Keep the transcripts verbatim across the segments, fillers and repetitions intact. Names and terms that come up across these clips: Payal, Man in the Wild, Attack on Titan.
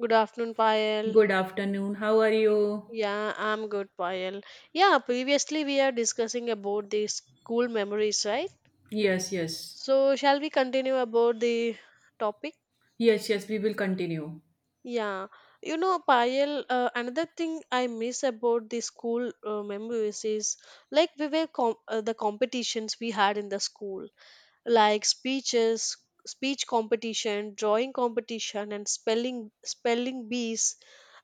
Good afternoon, Payal. Good afternoon. How are you? Yeah, I'm good, Payal. Yeah, previously we are discussing about the school memories, right? Yes, yes. So, shall we continue about the topic? Yes, yes, we will continue. Yeah, you know, Payal, uh, another thing I miss about the school uh, memories is like we were com- uh, the competitions we had in the school, like speeches, speech competition, drawing competition, and spelling spelling bees.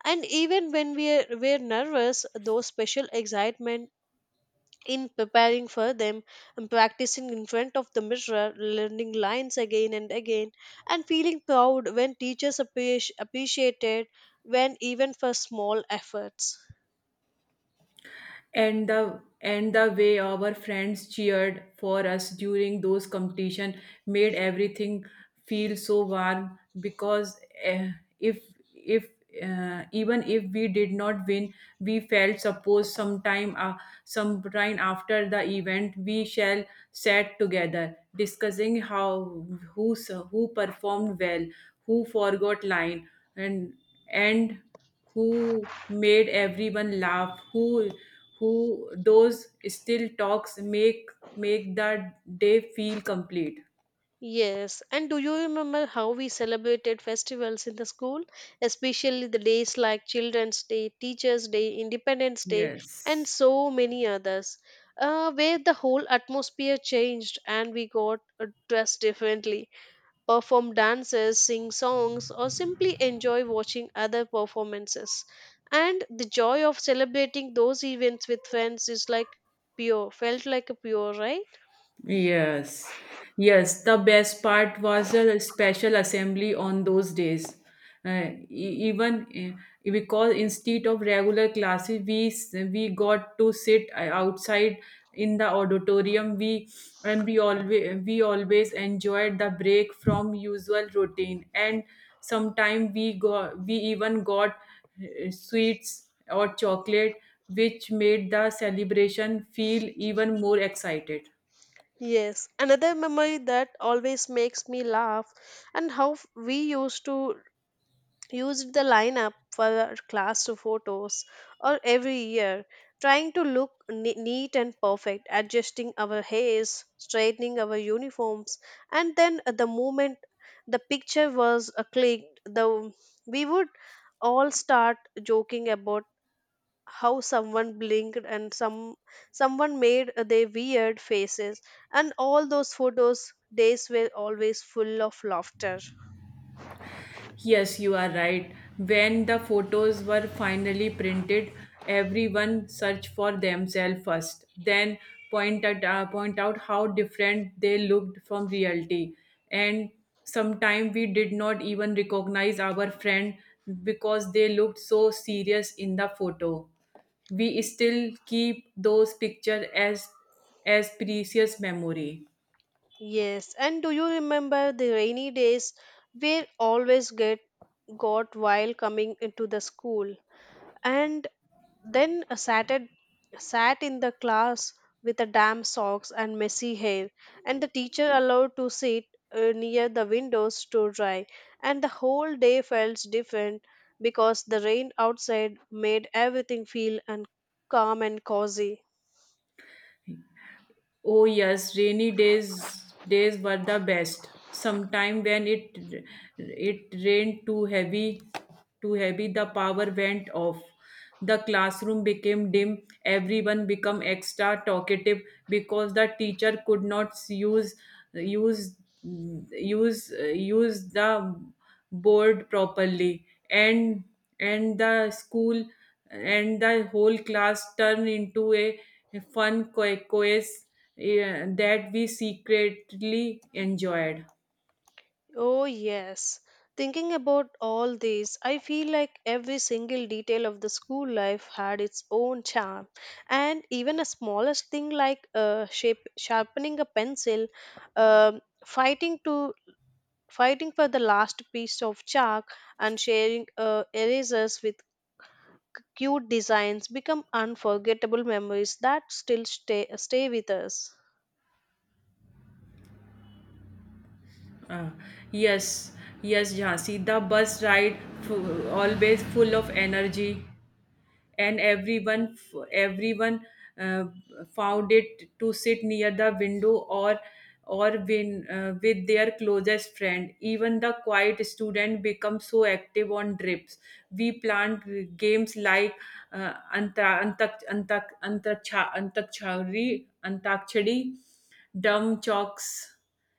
And even when we were, were nervous, those special excitement in preparing for them and practicing in front of the mirror learning lines again and again and feeling proud when teachers appreci- appreciated when even for small efforts. and the and the way our friends cheered for us during those competition made everything feel so warm because uh, if if uh, even if we did not win, we felt suppose sometime uh, sometime after the event we shall sat together discussing how, who s- who performed well, who forgot line, and and who made everyone laugh, who who those still talks make make that day feel complete. Yes, and do you remember how we celebrated festivals in the school, especially the days like children's day, teachers day, independence day, and Yes. so many others, uh, where the whole atmosphere changed and we got uh, dressed differently, perform dances, sing songs, or simply enjoy watching other performances. And the joy of celebrating those events with friends is like pure, felt like a pure, right? Yes, yes. The best part was a special assembly on those days. Uh, e- even uh, Because instead of regular classes, we s- we got to sit uh, outside in the auditorium. We and we always we always enjoyed the break from usual routine. And sometimes we got we even got uh, sweets or chocolate, which made the celebration feel even more excited. Yes, another memory that always makes me laugh and how f- we used to used the lineup for class photos or every year, trying to look ne- neat and perfect, adjusting our hairs, straightening our uniforms, and then at the moment the picture was uh, clicked, the we would all start joking about how someone blinked and some someone made uh, their weird faces, and all those photos days were always full of laughter. Yes, you are right. When the photos were finally printed, everyone searched for themselves first, then point at, uh, point out how different they looked from reality. And sometimes we did not even recognize our friend because they looked so serious in the photo. We still keep those pictures as as precious memory. Yes, and do you remember the rainy days we always get got while coming into the school and then sat at, sat in the class with a damp socks and messy hair, and the teacher allowed to sit uh, near the windows to dry, and the whole day felt different because the rain outside made everything feel and calm and cozy. Oh yes, rainy days days were the best. Sometime when it it rained too heavy, too heavy, the power went off. The classroom became dim. Everyone became extra talkative because the teacher could not use use use use the board properly, and and the school and the whole class turned into a, a fun co- quiz, eh, that we secretly enjoyed. Oh, yes. Thinking about all this, I feel like every single detail of the school life had its own charm. And even a smallest thing like uh, shape, sharpening a pencil, um fighting to fighting for the last piece of chalk, and sharing uh, erasers with cute designs become unforgettable memories that still stay, stay with us. Uh, yes, yes, Jhansi. The bus ride, fu- always full of energy. And everyone everyone uh, found it to sit near the window or or win, uh, with their closest friend. Even the quiet student becomes so active on trips. We planned games like uh, anta antak antak antak antakchari antakchari dumb chalks,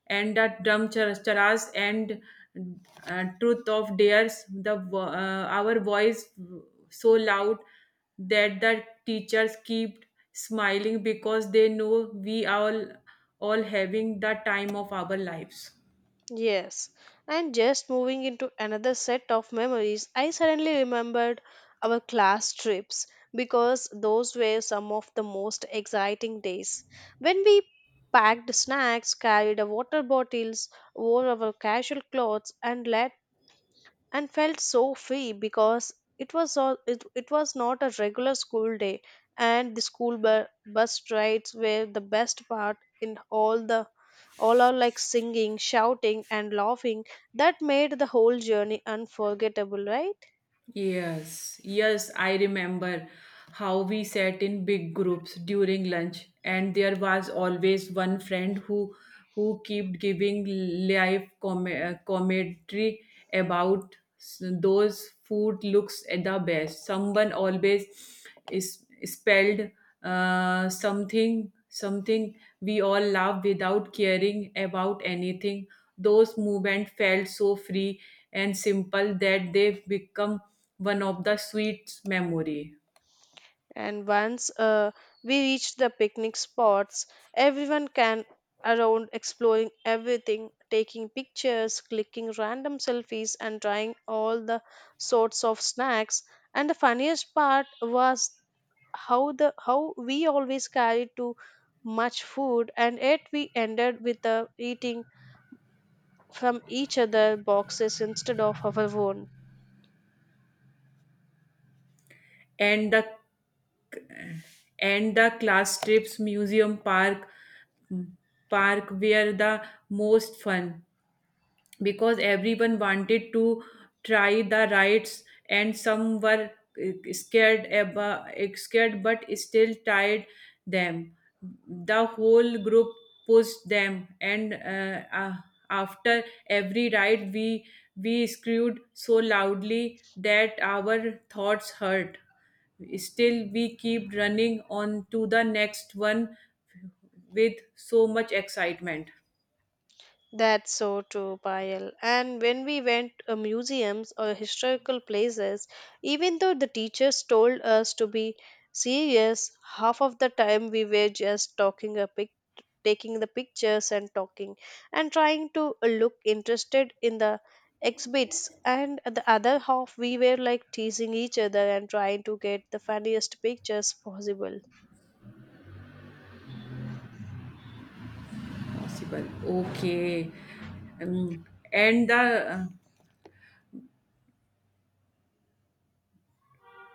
and that dumb char- charas, and uh, truth of dares. The vo- uh, our voice so loud that the teachers keep smiling because they know we all all having the time of our lives. Yes, and just moving into another set of memories, I suddenly remembered our class trips because those were some of the most exciting days. When we packed snacks, carried our water bottles, wore our casual clothes, and let and felt so free because it was all it, it was not a regular school day, and the school bu- bus rides were the best part in all the all are like singing, shouting, and laughing that made the whole journey unforgettable, right? Yes, yes, I remember how we sat in big groups during lunch, and there was always one friend who who kept giving live com- uh, commentary about s- those food looks at the best. Someone always is spelled uh, something something we all love without caring about anything. Those movements felt so free and simple that they've become one of the sweet memory. And once uh, we reached the picnic spots, everyone can around exploring everything, taking pictures, clicking random selfies, and trying all the sorts of snacks. And the funniest part was how the how we always carried too much food, and yet we ended with uh, eating from each other boxes instead of our own. And the and the class trips museum park, mm, park were the most fun because everyone wanted to try the rides, and some were uh, scared about, scared but still tried them. The whole group pushed them, and uh, uh, after every ride we we screamed so loudly that our thoughts hurt. Still we keep running on to the next one with so much excitement. That's so true, Payal. And when we went to museums or historical places, even though the teachers told us to be serious, half of the time we were just talking a pic- taking the pictures and talking and trying to look interested in the exhibits, and the other half we were like teasing each other and trying to get the funniest pictures possible. Possible. Okay. um, and the, uh,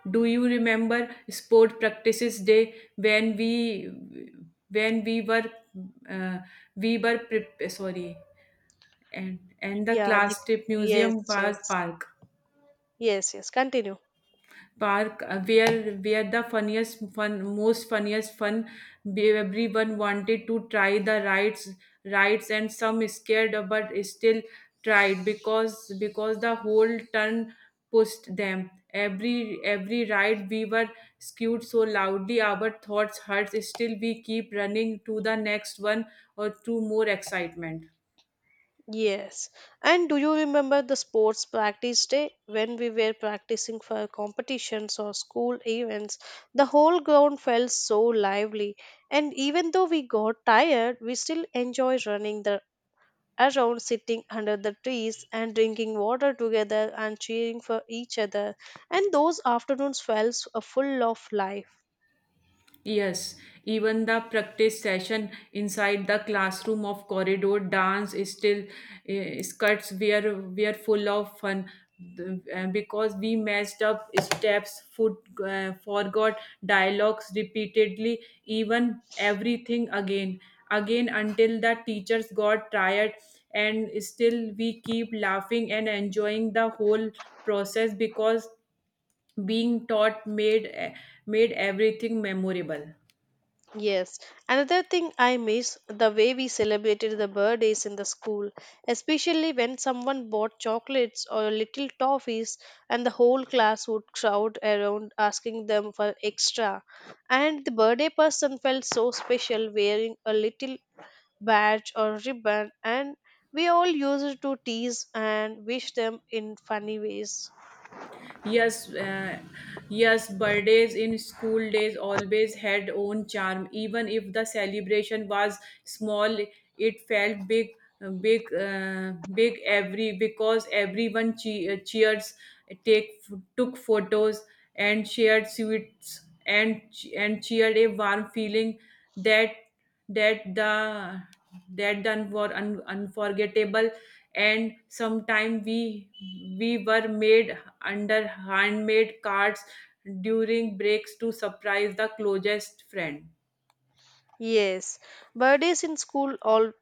do you remember sport practices day when we when we were uh, we were prep- sorry. And and the Yeah the, class trip yes, museum was yes. park Yes, yes, continue. park uh, where where the funniest fun most funniest fun be- everyone wanted to try the rides rides and some scared but still tried because because the whole turn pushed them. Every every ride we were skewed so loudly, our thoughts hurts, still we keep running to the next one or to more excitement. Yes. And do you remember the sports practice day when we were practicing for competitions or school events? The whole ground felt so lively, and even though we got tired, we still enjoyed running the around, sitting under the trees, and drinking water together, and cheering for each other, and those afternoons felt s- uh, full of life. Yes, even the practice session inside the classroom of corridor dance is still, uh, skirts were were full of fun. The- uh, because we messed up steps, foot uh, forgot dialogues repeatedly, even everything again, again until the teachers got tired, and still we keep laughing and enjoying the whole process because being taught made eh, made everything memorable. Yes, another thing I miss the way we celebrated the birthdays in the school, especially when someone bought chocolates or little toffees, and the whole class would crowd around asking them for extra. And the birthday person felt so special wearing a little badge or ribbon, and we all used to tease and wish them in funny ways. Yes, uh, yes, birthdays in school days always had own charm. Even if the celebration was small, it felt big, big, uh, big every because everyone che- uh, cheers, take took photos and shared sweets and and cheered a warm feeling that that the that done were un, unforgettable. And sometime we we were made under handmade cards during breaks to surprise the closest friend. Yes, birthdays in school all,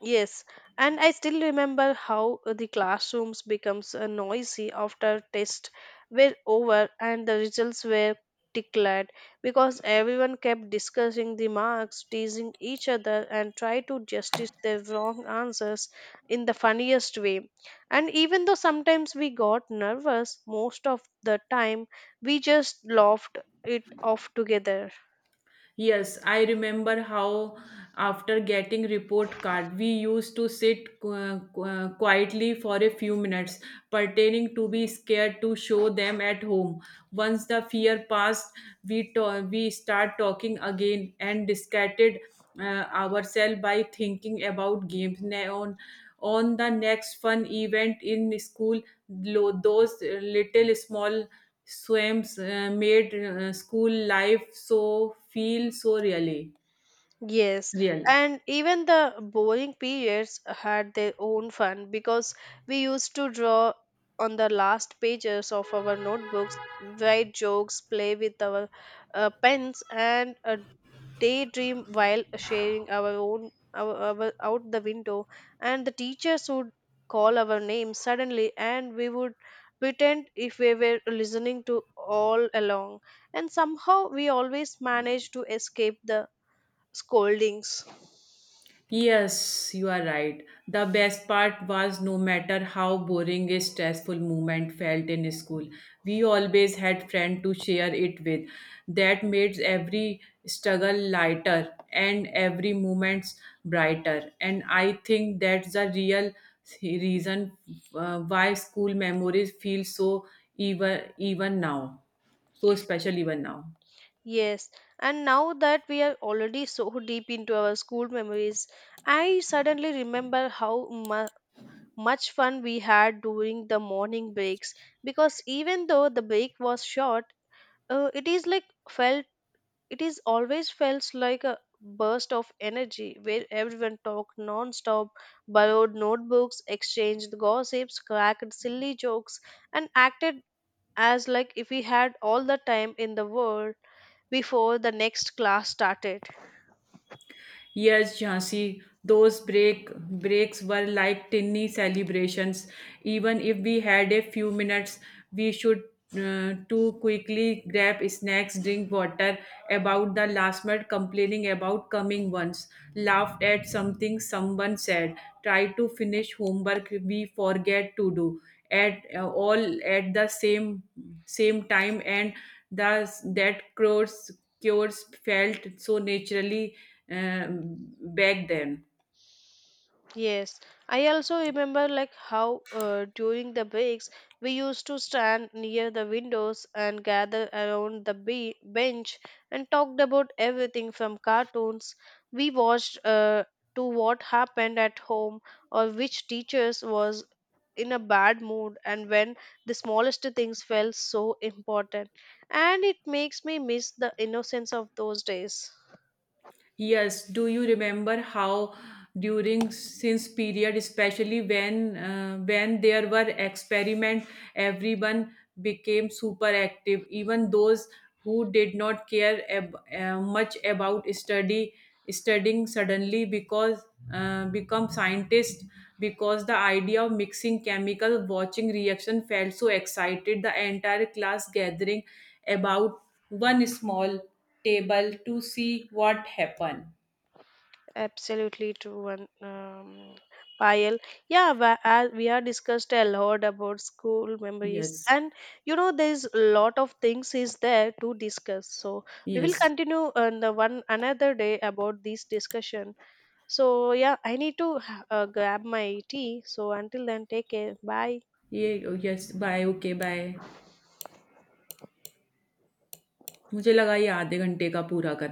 yes, and I still remember how the classrooms becomes uh, noisy after tests were over and the results were declared, because everyone kept discussing the marks, teasing each other, and try to justify their wrong answers in the funniest way. And even though sometimes we got nervous, most of the time we just laughed it off together. Yes, I remember how after getting report card, we used to sit qu- qu- uh, quietly for a few minutes, pretending to be scared to show them at home. Once the fear passed, we to- we start talking again and distracted uh, ourselves by thinking about games. Now, on the next fun event in school, lo- those little small swims uh, made uh, school life so feel so really Yes, real. and even the boring periods had their own fun because we used to draw on the last pages of our notebooks, write jokes, play with our uh, pens, and uh, daydream while sharing our own our, our out the window. And the teachers would call our names suddenly, and we would pretend if we were listening to all along. And somehow we always managed to escape the scoldings. Yes, you are right. The best part was no matter how boring a stressful moment felt in school, we always had friends to share it with. That made every struggle lighter and every moment brighter. And I think that's the real reason uh, why school memories feel so even even now, so special even now. Yes, and now that we are already so deep into our school memories, I suddenly remember how mu- much fun we had during the morning breaks because even though the break was short, uh, it is like felt it is always felt like a burst of energy where everyone talked non-stop, borrowed notebooks, exchanged gossips, cracked silly jokes, and acted as like if we had all the time in the world before the next class started. Yes, Jhansi, those break breaks were like tiny celebrations. Even if we had a few minutes, we should uh, too quickly grab snacks, drink water about the last minute, complaining about coming ones, laughed at something someone said, try to finish homework we forget to do, at uh, all at the same same time, and thus that cures cures felt so naturally, um, back then. Yes, I also remember like how uh, during the breaks we used to stand near the windows and gather around the be- bench and talked about everything from cartoons we watched uh, to what happened at home or which teachers was in a bad mood, and when the smallest things felt so important, and it makes me miss the innocence of those days. Yes, do you remember how during since period, especially when uh, when there were experiment, everyone became super active. Even those who did not care ab- uh, much about study studying suddenly because uh, become scientists, because the idea of mixing chemical watching reaction felt so excited, the entire class gathering about one small table to see what happened. Absolutely true, and um, Payal. Yeah, wa- as we are discussed a lot about school yes memories, and you know, there's a lot of things is there to discuss. So we will yes continue on the one another day about this discussion. So yeah, I need to uh, grab my tea. So until then, take care. Bye. ये yes bye okay bye मुझे लगा ये आधे घंटे का पूरा